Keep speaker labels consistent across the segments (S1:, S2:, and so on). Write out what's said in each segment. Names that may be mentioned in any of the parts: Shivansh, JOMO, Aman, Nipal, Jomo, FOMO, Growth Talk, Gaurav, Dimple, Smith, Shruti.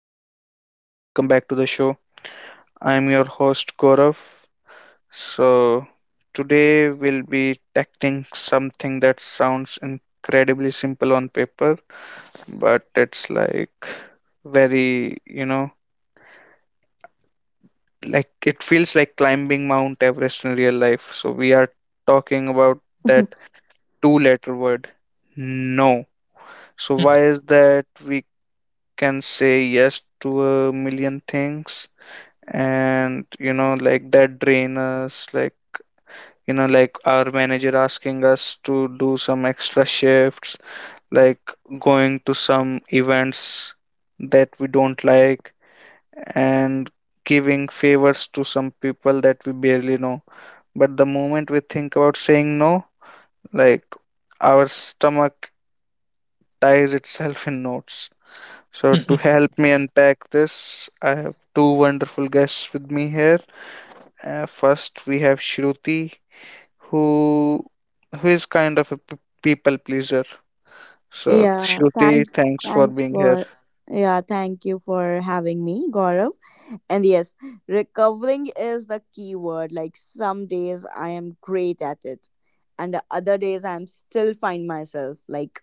S1: everyone, welcome back to the show. I am your host Gaurav. So, Today we'll be tackling something that sounds incredibly simple on paper, but it's like very, you know, like it feels like climbing Mount Everest in real life. So, we are talking about that two letter word, no. So, why is that we can say yes to a million things? And that drain us, like our manager asking us to do some extra shifts, like going to some events that we don't like, and giving favors to some people that we barely know. But the moment we think about saying no, like, our stomach ties itself in knots. So to
S2: Mhm.
S1: help me unpack this, I have two wonderful guests with me here. First, we have Shruti, who who is kind of a people pleaser. So
S3: Yeah,
S1: Shruti,
S3: thanks.
S1: thanks for
S3: Thanks
S1: being here.
S3: for yeah, thank you for having me, Gaurav. And yes, recovering is the key word. Like some days I am great at it, and the other days I'm still find myself like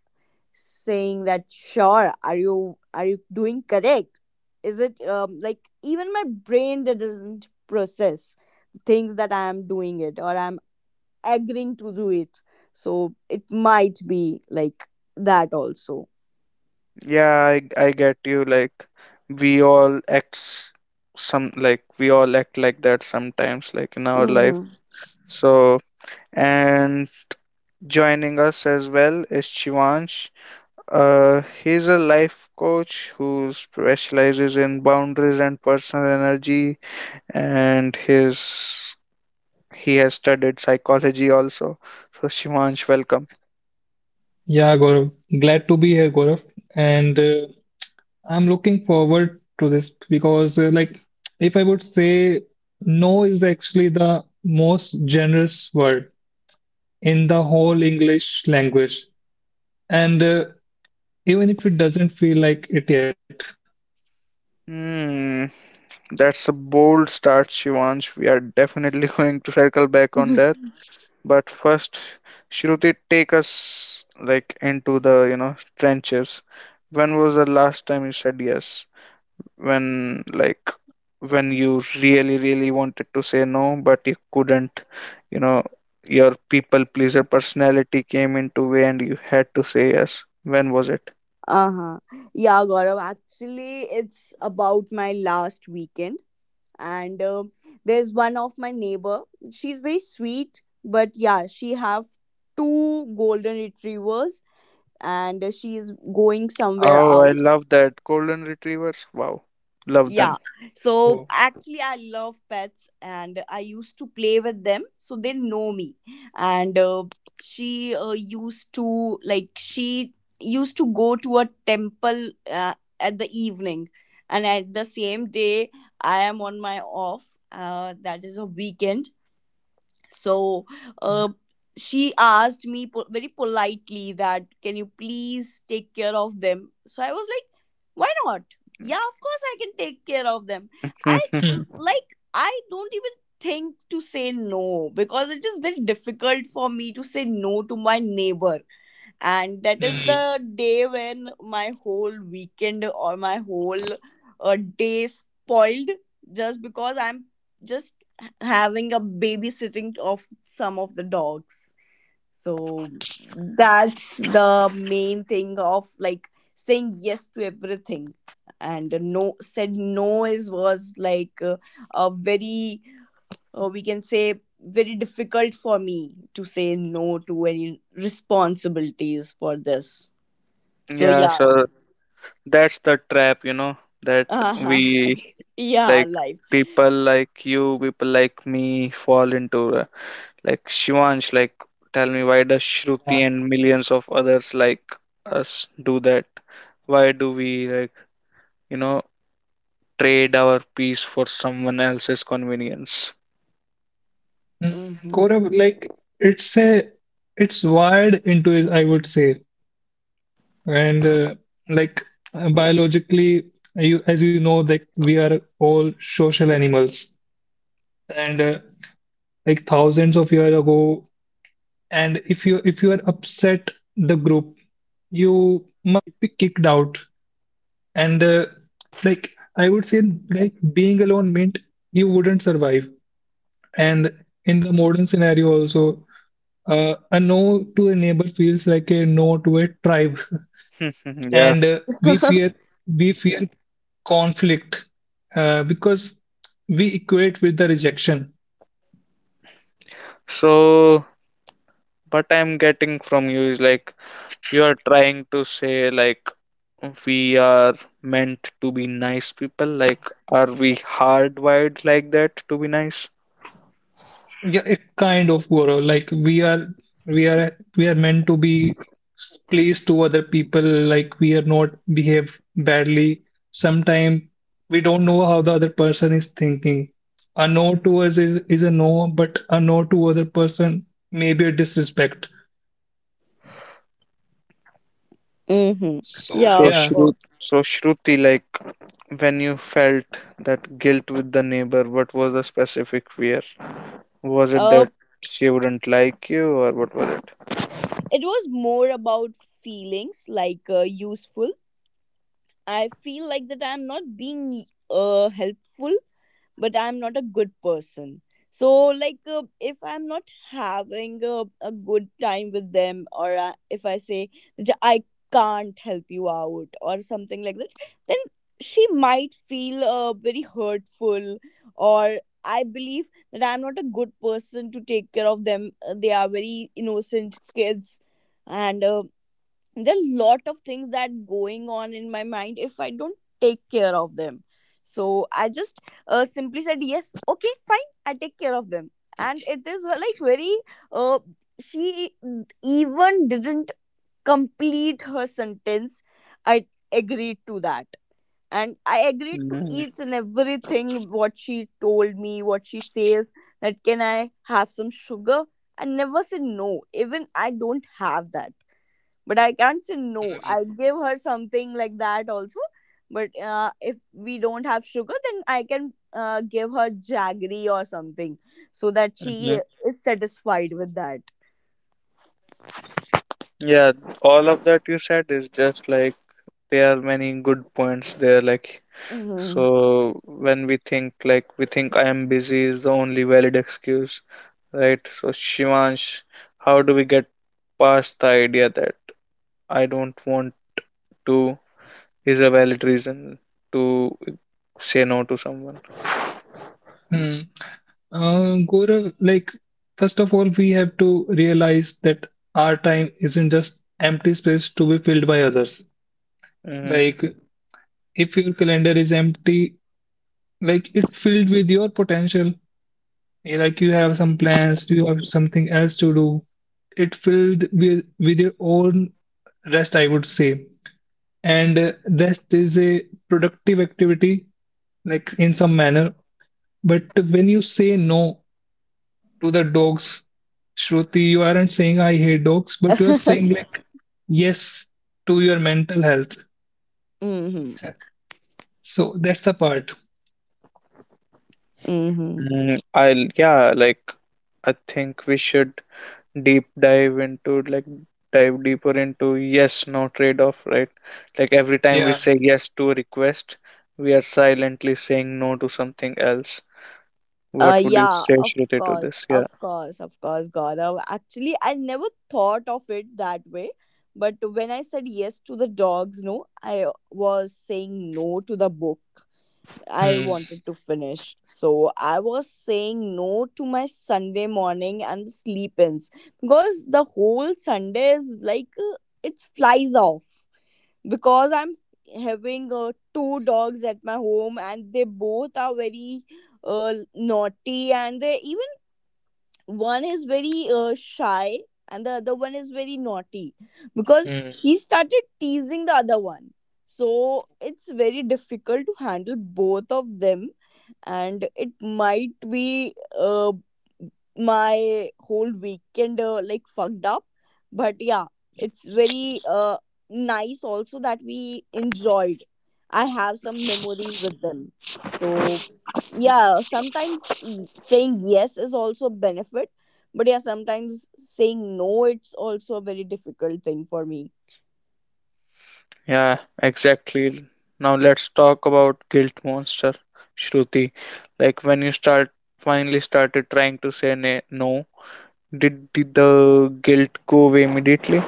S3: saying that sure, are you doing correct? Is it like even my brain that doesn't process things that I am doing it or I'm agreeing to do it so it might be like that also
S1: Yeah, I get you. Like, we all act s- some, like, we all act like that sometimes, like in our life.
S3: mm-hmm.
S1: So and joining us as well is Shivansh. He's a life coach who specializes in boundaries and personal energy, and his he has studied psychology also. So, Shivansh, welcome.
S2: Yeah, Gaurav, glad to be here, Gaurav. And I'm looking forward to this because, like, if I would say no is actually the most generous word in the whole English language. And even if it doesn't feel like it yet.
S1: Hmm, that's a bold start, Shivansh. We are definitely going to circle back on that. But first, Shruti, take us, like, into the, you know, trenches. When was the last time you said yes? When like when you really, really wanted to say no, but you couldn't, you know, your people pleaser personality came into way and you had to say yes. When was it?
S3: uh-huh yeah, Gaurav, actually it's about my last weekend and there's one of my neighbor. She's very sweet, but yeah, she have two golden retrievers, and she is going somewhere
S1: Oh, I
S3: out.
S1: love that. Golden retrievers. Wow. Love
S3: Yeah.
S1: them.
S2: Oh.
S3: So actually, I love pets and I used to play with them. So they know me. And she used to, like, she used to go to a temple at the evening. And at the same day, I am on my off. That is a weekend so uh, she asked me very politely that can you please take care of them. So I was like, why not? Yeah, of course I can take care of them.
S1: Mhm.
S2: Mm.
S3: Like I don't even think to say no, because it is very difficult for me to say no to my neighbor. And that is
S2: Mm.
S3: the day when my whole weekend or my whole day spoiled just because I'm just having a babysitting of some of the dogs. So that's the main thing of like saying yes to everything. And no is was like a very we can say very difficult for me to say no to any responsibilities for this. So
S1: Yeah,
S3: yeah.
S1: so that's the trap, you know, that
S3: Uh-huh.
S1: we
S3: Yeah,
S1: like,
S3: like
S1: people like you, people like me fall into. Like Shivansh, like, tell me, why does Shruti and millions of others like us do that? Why do we, like, you know, trade our peace for someone else's convenience?
S2: Mm,
S3: mm-hmm.
S2: Gaurav, like it's a it's wired into his, I would say. And like biologically, you as you know, like we are all social animals. And like, thousands of years ago, and if you are upset the group, you might be kicked out. And like, I would say, like being alone meant you wouldn't survive. And in the modern scenario also, a no to a neighbor feels like a no to a tribe. And we
S1: Yeah.
S2: fear we fear conflict, because we equate with the rejection.
S1: So what I'm getting from you is like, you are trying to say like, we are meant to be nice people. Like, are we hardwired like that to be nice?
S2: Yeah, it kind of, Gaurav, like we are we are meant to be pleased to other people. Like, we are not behave badly. Sometimes we don't know how the other person is thinking. A no to us is, a no, but a no to other person may be a disrespect.
S3: Mm-hmm.
S2: So,
S3: Yeah,
S1: So,
S2: yeah.
S3: of
S1: Shruti,
S3: course.
S1: So, Shruti, like, when you felt that guilt with the neighbor, what was the specific fear? Was it
S3: uh,
S1: that she wouldn't like you, or what was it?
S3: it was more about feelings like useful. I feel like that I'm not being helpful, but I'm not a good person. So, like, if I'm not having a good time with them, or if I say that I can't help you out, or something like that, then she might feel very hurtful, or I believe that I'm not a good person to take care of them. They are very innocent kids, and there are lot of things that going on in my mind if I don't take care of them. So I just simply said yes, okay, fine, I take care of them. And it is like very uh, she even didn't complete her sentence. I agreed to that, and I agreed to
S1: Mm-hmm.
S3: each and everything what she told me, what she says, that can I have some sugar. I never said no, even I don't have that, but I can't say no.
S2: Mhm.
S3: I give her something like that also. But if we don't have sugar, then I can give her jaggery or something, so that she is satisfied with that.
S1: Yeah, all of that you said is just like, there are many good points there. Like,
S3: Hmm.
S1: so when we think, like, we think I am busy is the only valid excuse, right? So Shivansh, how do we get past the idea that I don't want to is a valid reason to say no to someone?
S2: Hmm. Gaurav, like, first of all, we have to realize that our time isn't just empty space to be filled by others.
S1: Mm,
S2: Like, if your calendar is empty, like, it filled with your potential. Like, you have some plans, you have something else to do. It filled with your own rest, I would say. And rest is a productive activity, like, in some manner. But when you say no to the dogs, Shruti, you aren't saying I hate dogs, but you are saying, like, yes to your mental health.
S3: Mm-hmm.
S2: So that's the part.
S3: Mm-hmm.
S1: I'll yeah, like, I think we should deep dive into like dive deeper into yes no trade-off, right? Like, every time we
S2: Yeah.
S1: say yes to a request, we are silently saying no to something else. What would you
S3: Yeah,
S1: say,
S3: of
S1: Shruti, to
S3: course,
S1: this? Yeah,
S3: of course, of course, Gaurav. Actually, I never thought of it that way. But when I said yes to the dogs, no, I was saying no to the book I
S2: Hmm.
S3: wanted to finish. So I was saying no to my Sunday morning and the sleep ins, because the whole Sunday is like it flies off because I'm having two dogs at my home and they both are very naughty, and they even, one is very shy and the other one is very naughty because
S2: Hmm.
S3: he started teasing the other one. So it's very difficult to handle both of them, and it might be my whole weekend like fucked up. But yeah, it's very nice also that we enjoyed. I have some memories with them. So yeah, sometimes saying yes is also a benefit, but yeah, sometimes saying no, it's also a very difficult thing for me.
S1: yeah, exactly. Now let's talk about guilt monster, Shruti. Like, when you start finally started trying to say no, did the guilt go away immediately?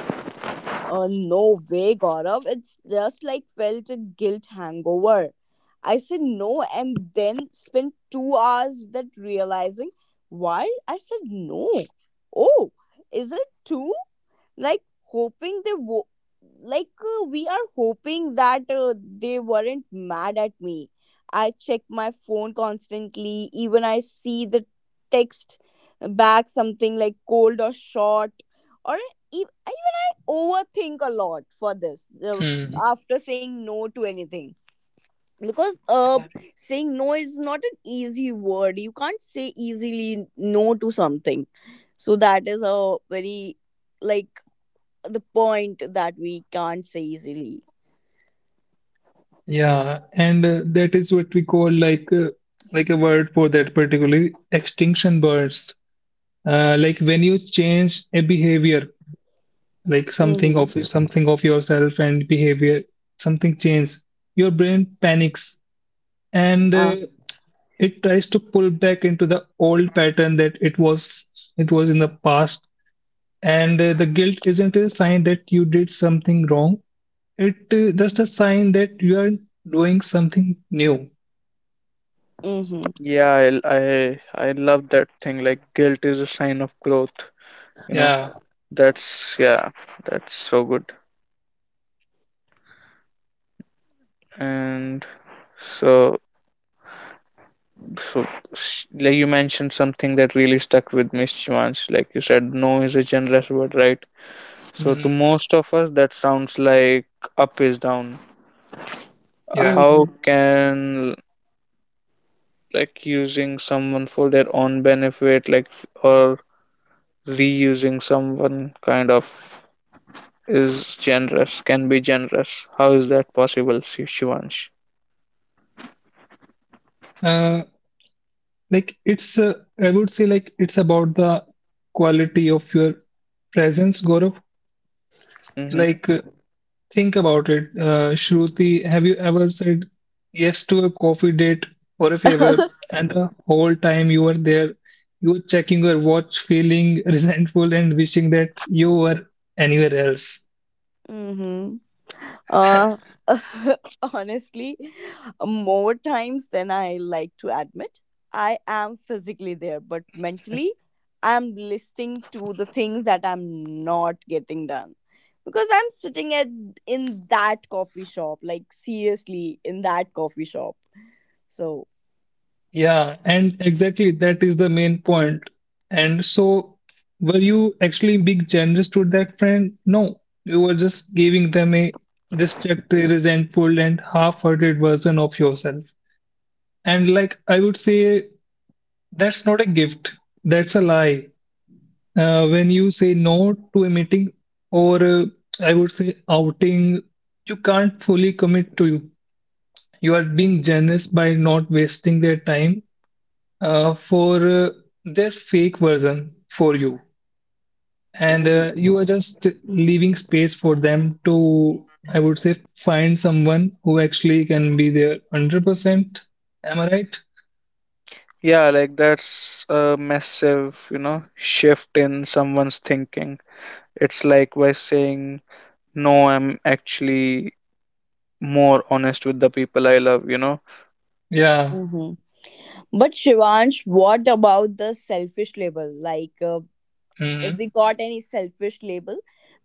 S3: Uh, no way, Gaurav. It's just like felt a guilt hangover. I said no and then spent 2 hours that realizing why I said no. Oh, is it two? Like hoping they wo- like we are hoping that they weren't mad at me. I check my phone constantly, even I see the text back something like cold or short, or even I overthink a lot for this
S2: Hmm.
S3: after saying no to anything. Because saying no is not an easy word, you can't say easily no to something. So that is a very like the point that we can't say easily.
S2: Yeah. And that is what we call, like, like, a word for that, particularly, extinction bursts. Like, when you change a behavior, like, something
S3: Mm-hmm.
S2: of yourself and behavior, something changes. Your brain panics, and
S3: Uh,
S2: it tries to pull back into the old pattern that it was in the past. And the guilt isn't a sign that you did something wrong, it just a sign that you are doing something new.
S3: mm-hmm.
S1: Yeah, I love that thing. Like, guilt is a sign of growth. You know,
S2: Yeah.
S1: that's yeah, that's so good. And so so s- Like, you mentioned something that really stuck with me, Shivansh. Like, you said, no is a generous word, right? So to
S2: Hmm.
S1: most of us, that sounds like up is down.
S2: Yeah.
S3: Mm-hmm.
S1: How can, like, using someone for their own benefit, like, or reusing someone kind of is generous, can be generous. How is that possible, Shivansh?
S2: uh, like, it's, I would say, like, it's about the quality of your presence, Gaurav.
S1: Hmm.
S2: Like, think about it, Shruti. Have you ever said yes to a coffee date or a favor, and the whole time you were there, you were checking your watch, feeling resentful, and wishing that you were anywhere else?
S3: Mm-hmm. Uh, honestly, more times than I like to admit, I am physically there, but mentally, I'm listening to the things that I'm not getting done. Because I'm sitting at in that coffee shop, like seriously in that coffee shop. So
S2: Yeah, and exactly that is the main point. And so, were you actually being generous to that friend? No, you were just giving them a distracted, resentful, and half-hearted version of yourself. And, like, I would say, that's not a gift. That's a lie. When you say no to a meeting or, I would say, outing, you can't fully commit to you. You are being
S3: mm-hmm.
S2: generous by not wasting their time, for their fake version for you. And
S3: Mm-hmm.
S2: you are just leaving space for them to, I would say, find someone who actually can be there 100%. Am I right?
S1: Yeah, like, that's a massive, you know, shift in someone's thinking. It's like, by saying no, I'm actually more honest with the people I love, you know?
S2: Yeah.
S3: Mm-hmm. But Shivansh, what about the selfish label? Like, if
S2: Hmm.
S3: we got any selfish label,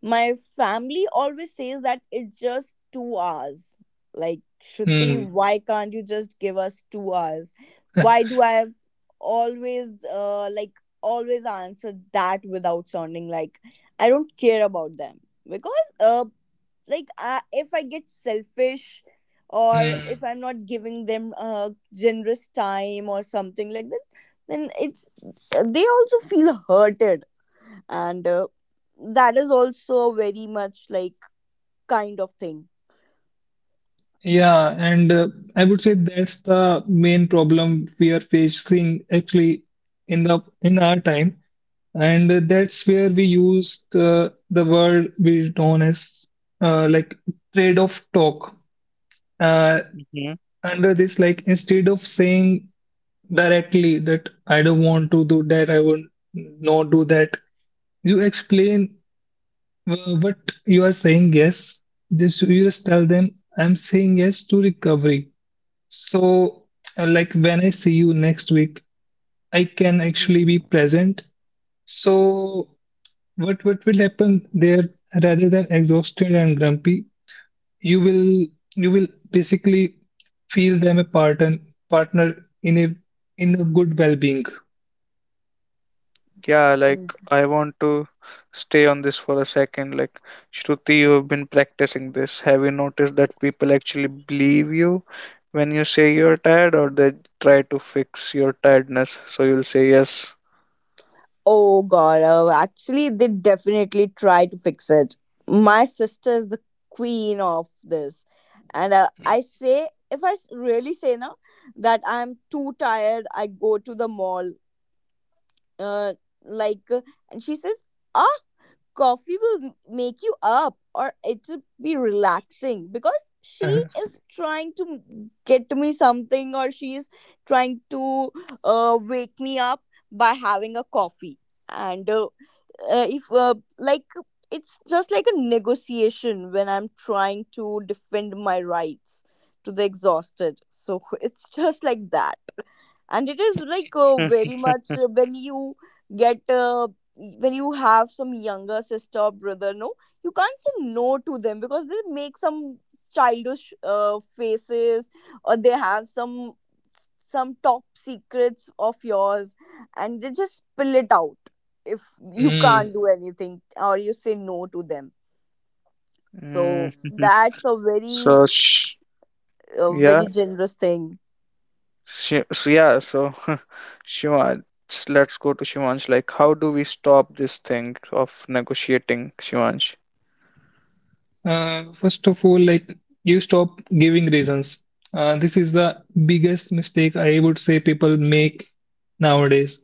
S3: my family always says that it's just 2 hours. Like, Shruti, why can't you just give us 2 hours? Why do I have always like always answer that without sounding like I don't care about them? Because like I, if I get selfish or
S2: Hmm.
S3: if I'm not giving them generous time or something like that, then it's, they also feel hurted, and that is also very much like kind of thing.
S2: Yeah, and I would say that's the main problem we are facing, actually, in the in our time. And that's where we use the word we known as, like, trade-off talk. Uh,
S1: Hmm.
S2: Under this, like, instead of saying directly that I don't want to do that, I will not do that, you explain what you are saying yes. Just you just tell them I'm saying yes to recovery. So, like, when I see you next week, I can
S3: Mhm.
S2: actually be present. So, what will happen there? Rather than exhausted and grumpy, you will you will basically feel them a partner, partner in a good well-being.
S1: Yeah, like,
S3: Mm.
S1: I want to stay on this for a second. Like, Shruti, you have been practicing this. Have you noticed that people actually believe you when you say you're tired, or they try to fix your tiredness? So you'll say yes.
S3: Oh god, oh, actually they definitely try to fix it. My sister is the queen of this. And I say if I really say now that I'm too tired, I go to the mall. Uh, like and she says, "Ah, coffee will make you up, or it'll be relaxing," because she
S2: Uh-huh.
S3: is trying to get me something, or she is trying to wake me up by having a coffee, and if like it's just like a negotiation when I'm trying to defend my rights to the exhausted, so it's just like that. And it is like very much when you get when you have some younger sister or brother, no, you can't say no to them, because they make some childish faces, or they have some top secrets of yours and they just spill it out if you
S2: Mm.
S3: can't do anything or you say no to them.
S1: Mm,
S3: So that's
S1: So, sh-
S3: a
S1: yeah.
S3: very generous thing.
S1: So, Shivansh, let's go to Shivansh. Like, how do we stop this thing of negotiating, Shivansh?
S2: First of all, like, you stop giving reasons. This is the biggest mistake, I would say, people make nowadays.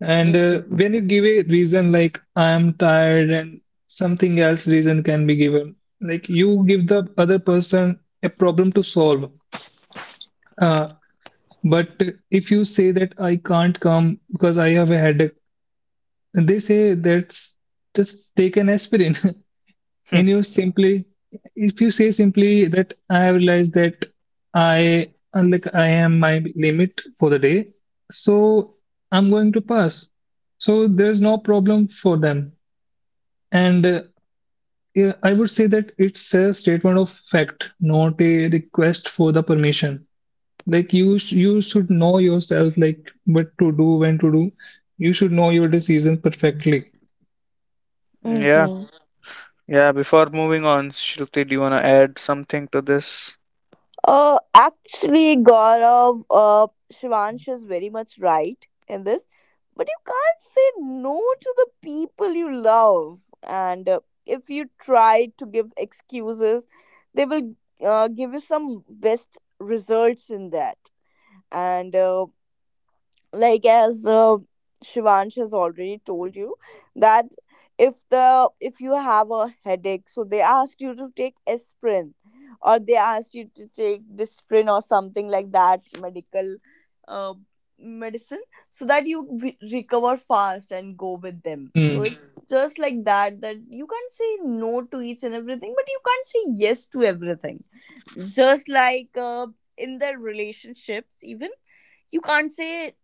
S2: And when you give a reason, like, I am tired, and something else reason can be given, like, you give the other person a problem to solve. Uh, but if you say that I can't come because I have a headache, they say, that's just take an aspirin.
S1: Hmm.
S2: And you simply, if you say simply that I have realized that I, like, I am my limit for the day, so I'm going to pass. So there's no problem for them. And yeah, I would say that it's a statement of fact, not a request for the permission. Like, you, you should know yourself, like, what to do, when to do. You should know your decision perfectly.
S1: Yeah,
S3: Mm-hmm.
S1: yeah. Before moving on, Shruti, do you wanna add something to this?
S3: Actually, Gaurav, Shivansh is very much right in this, but you can't say no to the people you love. And if you try to give excuses, they will give you some best results in that. And like as Shivansh has already told you that if the if you have a headache, so they ask you to take aspirin, or they ask you to take disprin or something like that medical uh, medicine, so that you recover fast and go with them. So
S2: Mm,
S3: it's mm, just like that, that you can't say no to each and everything, but you can't say yes to everything. Just like in their relationships, even you can't say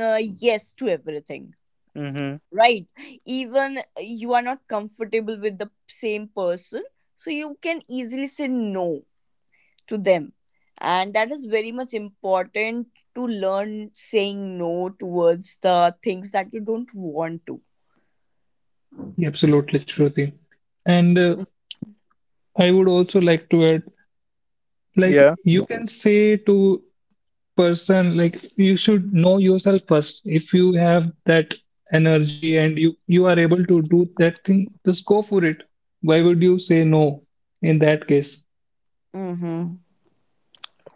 S3: yes to everything,
S1: Mm-hmm.
S3: right? Even you are not comfortable with the same person, so you can easily say no to them. And that is very much important, to learn saying no towards the things that you don't want to.
S2: Absolutely, Shruti. And I would also like to add, like,
S1: Yeah,
S2: you can say to person, like, you should know yourself first if you have that energy and you are able to do that thing, just go for it. Why would you say no in that case?
S3: Mm-hmm.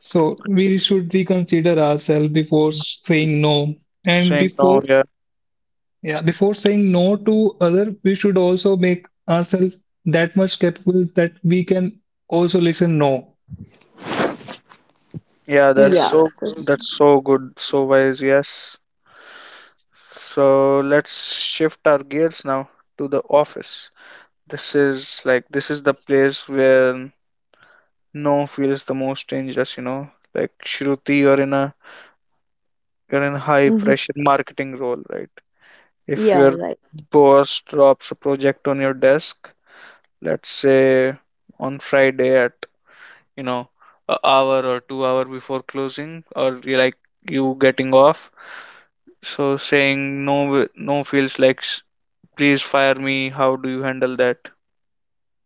S2: So we should reconsider ourselves before saying no. And
S1: saying no.
S2: before
S1: Yeah,
S2: s- yeah before saying no to other, we should also make ourselves that much capable that we can also listen no.
S1: yeah. That's
S3: Yeah,
S1: so.
S3: that's,
S1: That's so good. So wise. Yes. So let's shift our gears now to the office. This is the place where no feels the most dangerous. You know, like, Shruti, you're in a you're in high
S3: hmm,
S1: pressure marketing role, right? If
S3: yeah,
S1: your
S3: right.
S1: boss drops a project on your desk, let's say on Friday at, you know, a hour or 2 hour before closing, or you like you getting off, so saying no, no feels like, please fire me. How do you handle that?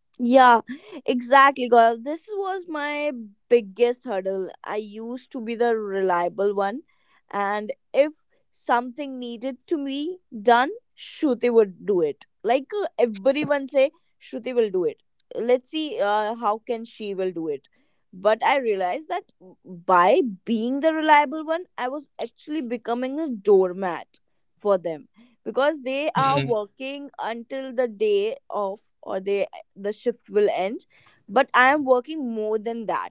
S3: Yeah, exactly, Gaurav. This was my biggest hurdle. I used to be the reliable one, and if something needed to be done, Shruti would do it. Like everyone say, Shruti will do it. Let's see how can she will do it. But I realized that by being the reliable one, I was actually becoming a doormat for them, because they
S2: Mhm.
S3: are working until the day of, or they the shift will end, but I am working more than that,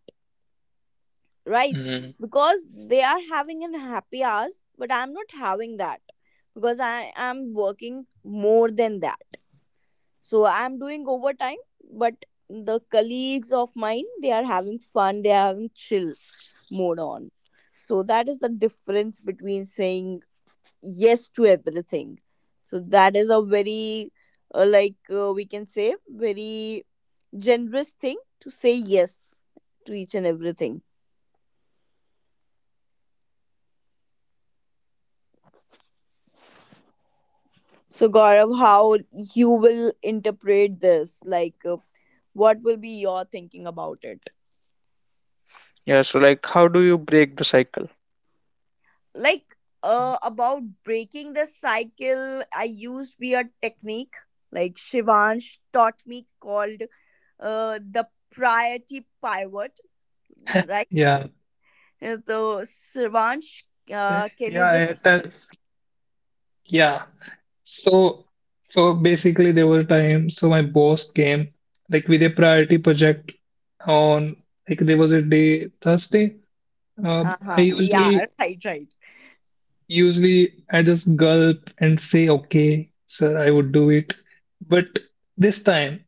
S3: right?
S2: Mhm.
S3: Because they are having an happy hours, but I'm not having that, because I am working more than that, so I'm doing overtime. But the colleagues of mine, they are having fun, they are having chill mode on. So that is the difference between saying yes to everything. So that is a very like we can say very generous thing to say yes to each and everything. So, Gaurav, how you will interpret this? Like, what will be your thinking about it?
S1: Yeah, so like, how do you break the cycle?
S3: Like, about breaking the cycle, I used be a technique like Shivansh taught me called the priority pivot, right?
S2: Yeah,
S3: So, Shivansh, can you
S2: yeah,
S3: just?
S2: yeah. So, so basically, there were times. So my boss came, like, with a priority project on, like, there was a day, Thursday. Uh,
S3: Uh
S2: I
S3: huh. Yeah.
S2: usually
S3: Right. Right.
S2: usually I just gulp and say, "Okay, sir, I would do it." But this time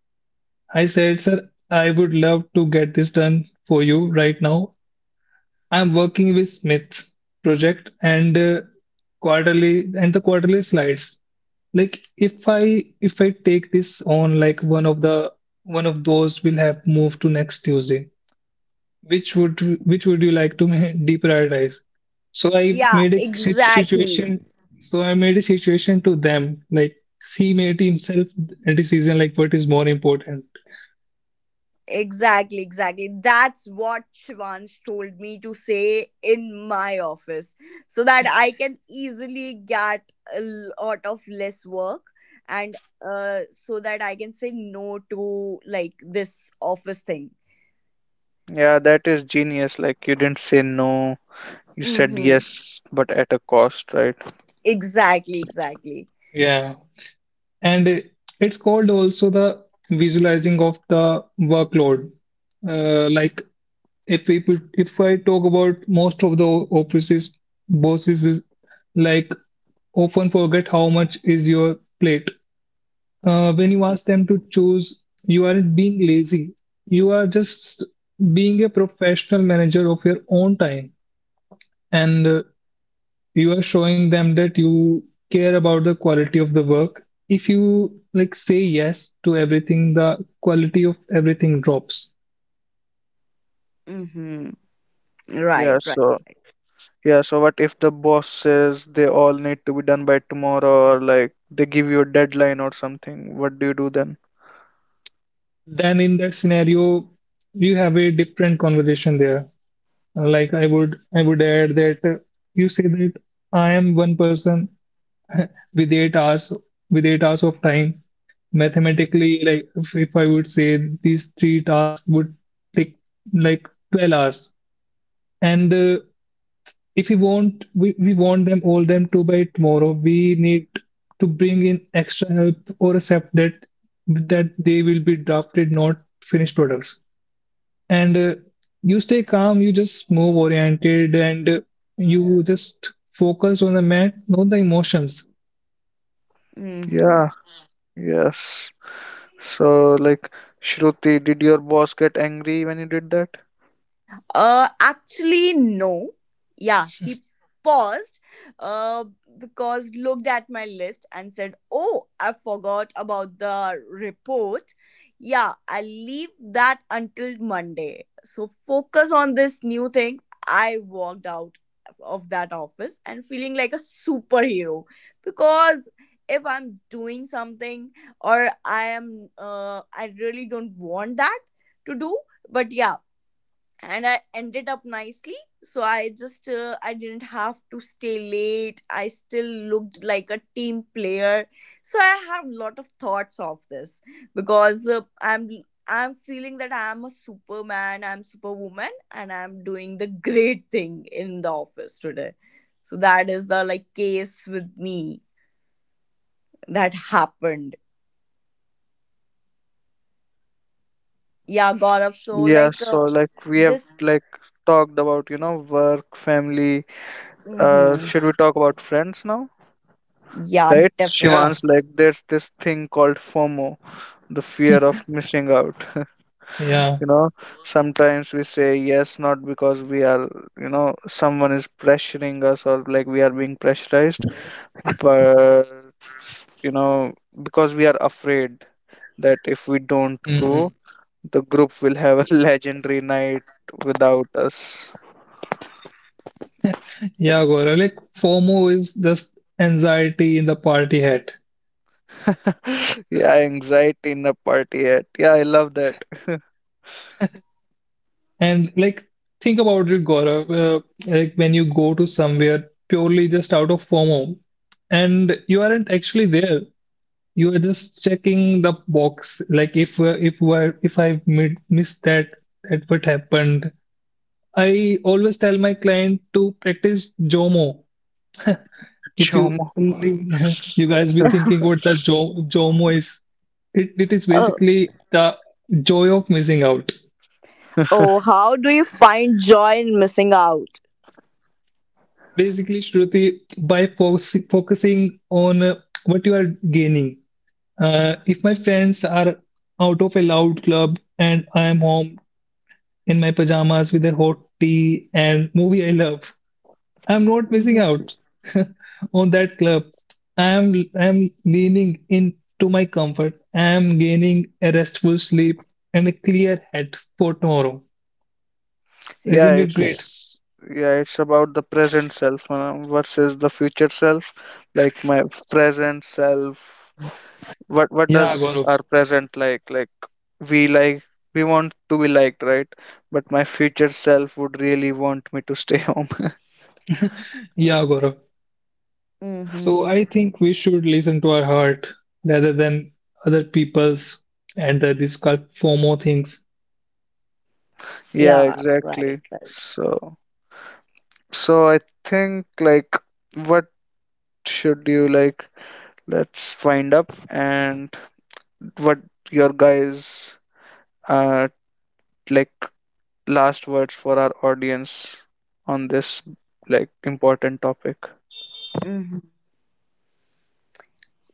S2: I said, "Sir, I would love to get this done for you right now. I'm working with Smith project and, quarterly, and the quarterly slides. Like, if I take this on, like, one of those will have moved to next Tuesday. Which would which would you like to deprioritize? so i
S3: Yeah.
S2: made a si-
S3: Exactly.
S2: situation so I made a situation to them, like, he made himself a decision, like, what is more important."
S3: Exactly, exactly. That's what Shivansh told me to say in my office, so that I can easily get a lot of less work, and so that I can say no to like this office thing.
S1: Yeah, that is genius. Like, you didn't say no, you said
S3: Mm-hmm.
S1: yes, but at a cost, right?
S3: Exactly, exactly.
S2: Yeah. And it's called also, the visualizing of the workload. Like, if we put- if I talk about most of the offices, bosses is, like, often forget how much is your plate. When you ask them to choose, you aren't being lazy. You are just being a professional manager of your own time. And you are showing them that you care about the quality of the work. If you, like, say yes to everything, the quality of everything drops.
S3: Mm-hmm.
S1: Yeah,
S3: Right, right.
S1: so Yeah, so what if the boss says they all need to be done by tomorrow, or like, they give you a deadline or something? What do you do then?
S2: Then in that scenario, you have a different conversation there. Like, I would add that you say that I am one person with eight hours with 8 hours of time. Mathematically, like, if I would say these three tasks would take, like, 12 hours. And if we want them, all them to by tomorrow, we need to bring in extra help or accept that they will be drafted, not finished products. And you stay calm, you just move oriented, and you just focus on the mat, not the emotions.
S3: Mm-hmm.
S1: Yeah, yes. So like, Shruti, did your boss get angry when you did that?
S3: Actually, no. Yeah, he paused uh, because looked at my list and said, "Oh, I forgot about the report. Yeah, I'll leave that until Monday. So focus on this new thing." I walked out of that office and feeling like a superhero, because if I'm doing something, or I am, I really don't want that to do. But yeah, and I ended up nicely, so I just I didn't have to stay late, I still looked like a team player. So I have lot of thoughts of this, because I'm feeling that I'm a superman, I'm superwoman, and I'm doing the great thing in the office today. So that is the like case with me that happened. Yeah, god of so
S1: Yeah,
S3: like
S1: so like, we have
S3: this
S1: talked about, you know, work, family.
S3: hmm.
S1: Should we talk about friends now?
S3: Yeah,
S1: Right?
S3: definitely.
S2: Yeah.
S1: Shivan's, like, there's this thing called FOMO, the fear of missing out.
S2: Yeah.
S1: You know, sometimes we say yes not because we are, you know, someone is pressuring us or like we are being pressurized, but, you know, because we are afraid that if we don't go,
S2: Hmm.
S1: the group will have a legendary night without us.
S2: Yeah, Gaurav, like, FOMO is just anxiety in the party hat.
S1: Yeah, anxiety in a party at, yeah, I love that.
S2: And, like, think about it, Gaurav. Like, when you go to somewhere purely just out of FOMO, and you aren't actually there, you are just checking the box, like, if I missed that, what happened. I always tell my client to practice Jomo. If you
S1: Jomo.
S2: you guys be thinking what the Jomo is, it is basically the joy of missing out.
S3: Oh, how do you find joy in missing out?
S2: Basically, Shruti, by focusing on what you are gaining. If my friends are out of a loud club and I am home in my pajamas with a hot tea and movie I love, I'm not missing
S3: Mm-hmm.
S2: out on that club. I'm leaning into my comfort. I'm gaining a restful sleep and a clear head for tomorrow.
S1: yeah
S2: Isn't it, yeah, great?
S1: it's yeah, it's about the present self, versus the future self. Like my present self What
S2: Yeah,
S1: does
S2: Gaurav.
S1: our present, we, like, we want to be liked, right? But my future self would really want me to stay home.
S2: Yeah, Gaurav.
S3: Mm-hmm.
S2: So I think we should listen to our heart rather than other people's, and these kind of FOMO things.
S1: Yeah,
S3: Yeah, right.
S1: exactly.
S3: Right.
S1: So, so I think, like, what should you, like, let's wind up. And what your guys, uh like, last words for our audience on this, like, important topic.
S3: Mhm.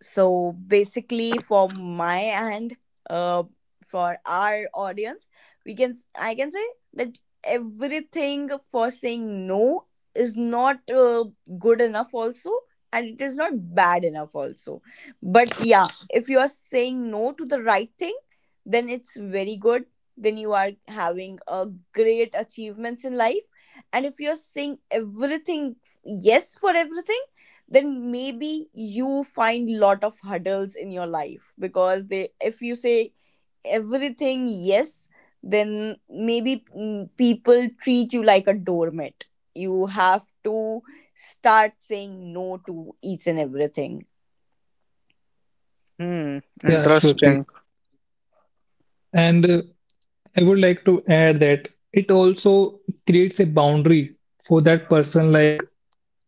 S3: So basically for my end, uh for our audience, we can I can say that everything for saying no is not good enough also, and it is not bad enough also. But yeah, if you are saying no to the right thing, then it's very good. Then you are having a great achievements in life. And if you're saying everything, yes for everything, then maybe you find lot of hurdles in your life, because they, if you say everything yes, then maybe mm, people treat you like a doormat. You have to start saying no to each and everything.
S1: Hmm,
S2: Yeah,
S1: interesting.
S2: Shruti. And I would like to add that it also creates a boundary for that person, like,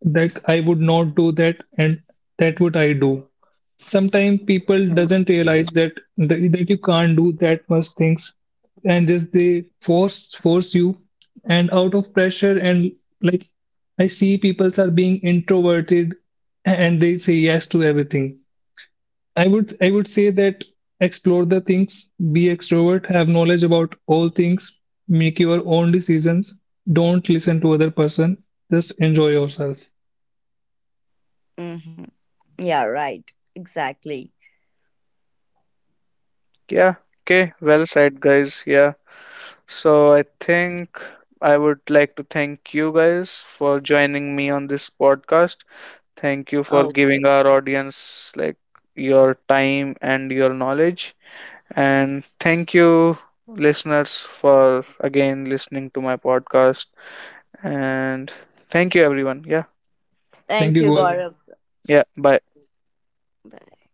S2: that I would not do that, and that would I do. Sometimes people doesn't realize that that you can't do that much things, and just they force you, and out of pressure, and, like, I see people are being introverted and they say yes to everything. I would say that, explore the things, be extrovert, have knowledge about all things, make your own decisions, don't listen to other person, just enjoy yourself.
S3: Mm-hmm. Yeah, right, exactly.
S1: Yeah, okay, well said, guys. Yeah, so I think I would like to thank you guys for joining me on this podcast. Thank you for
S3: Okay,
S1: giving our audience, like, your time and your knowledge. And thank you, listeners, for again listening to my podcast. And thank you, everyone. Yeah,
S3: thank
S2: Thank you,
S3: you, Gaurav.
S2: Gaurav.
S1: yeah, bye.
S3: Bye.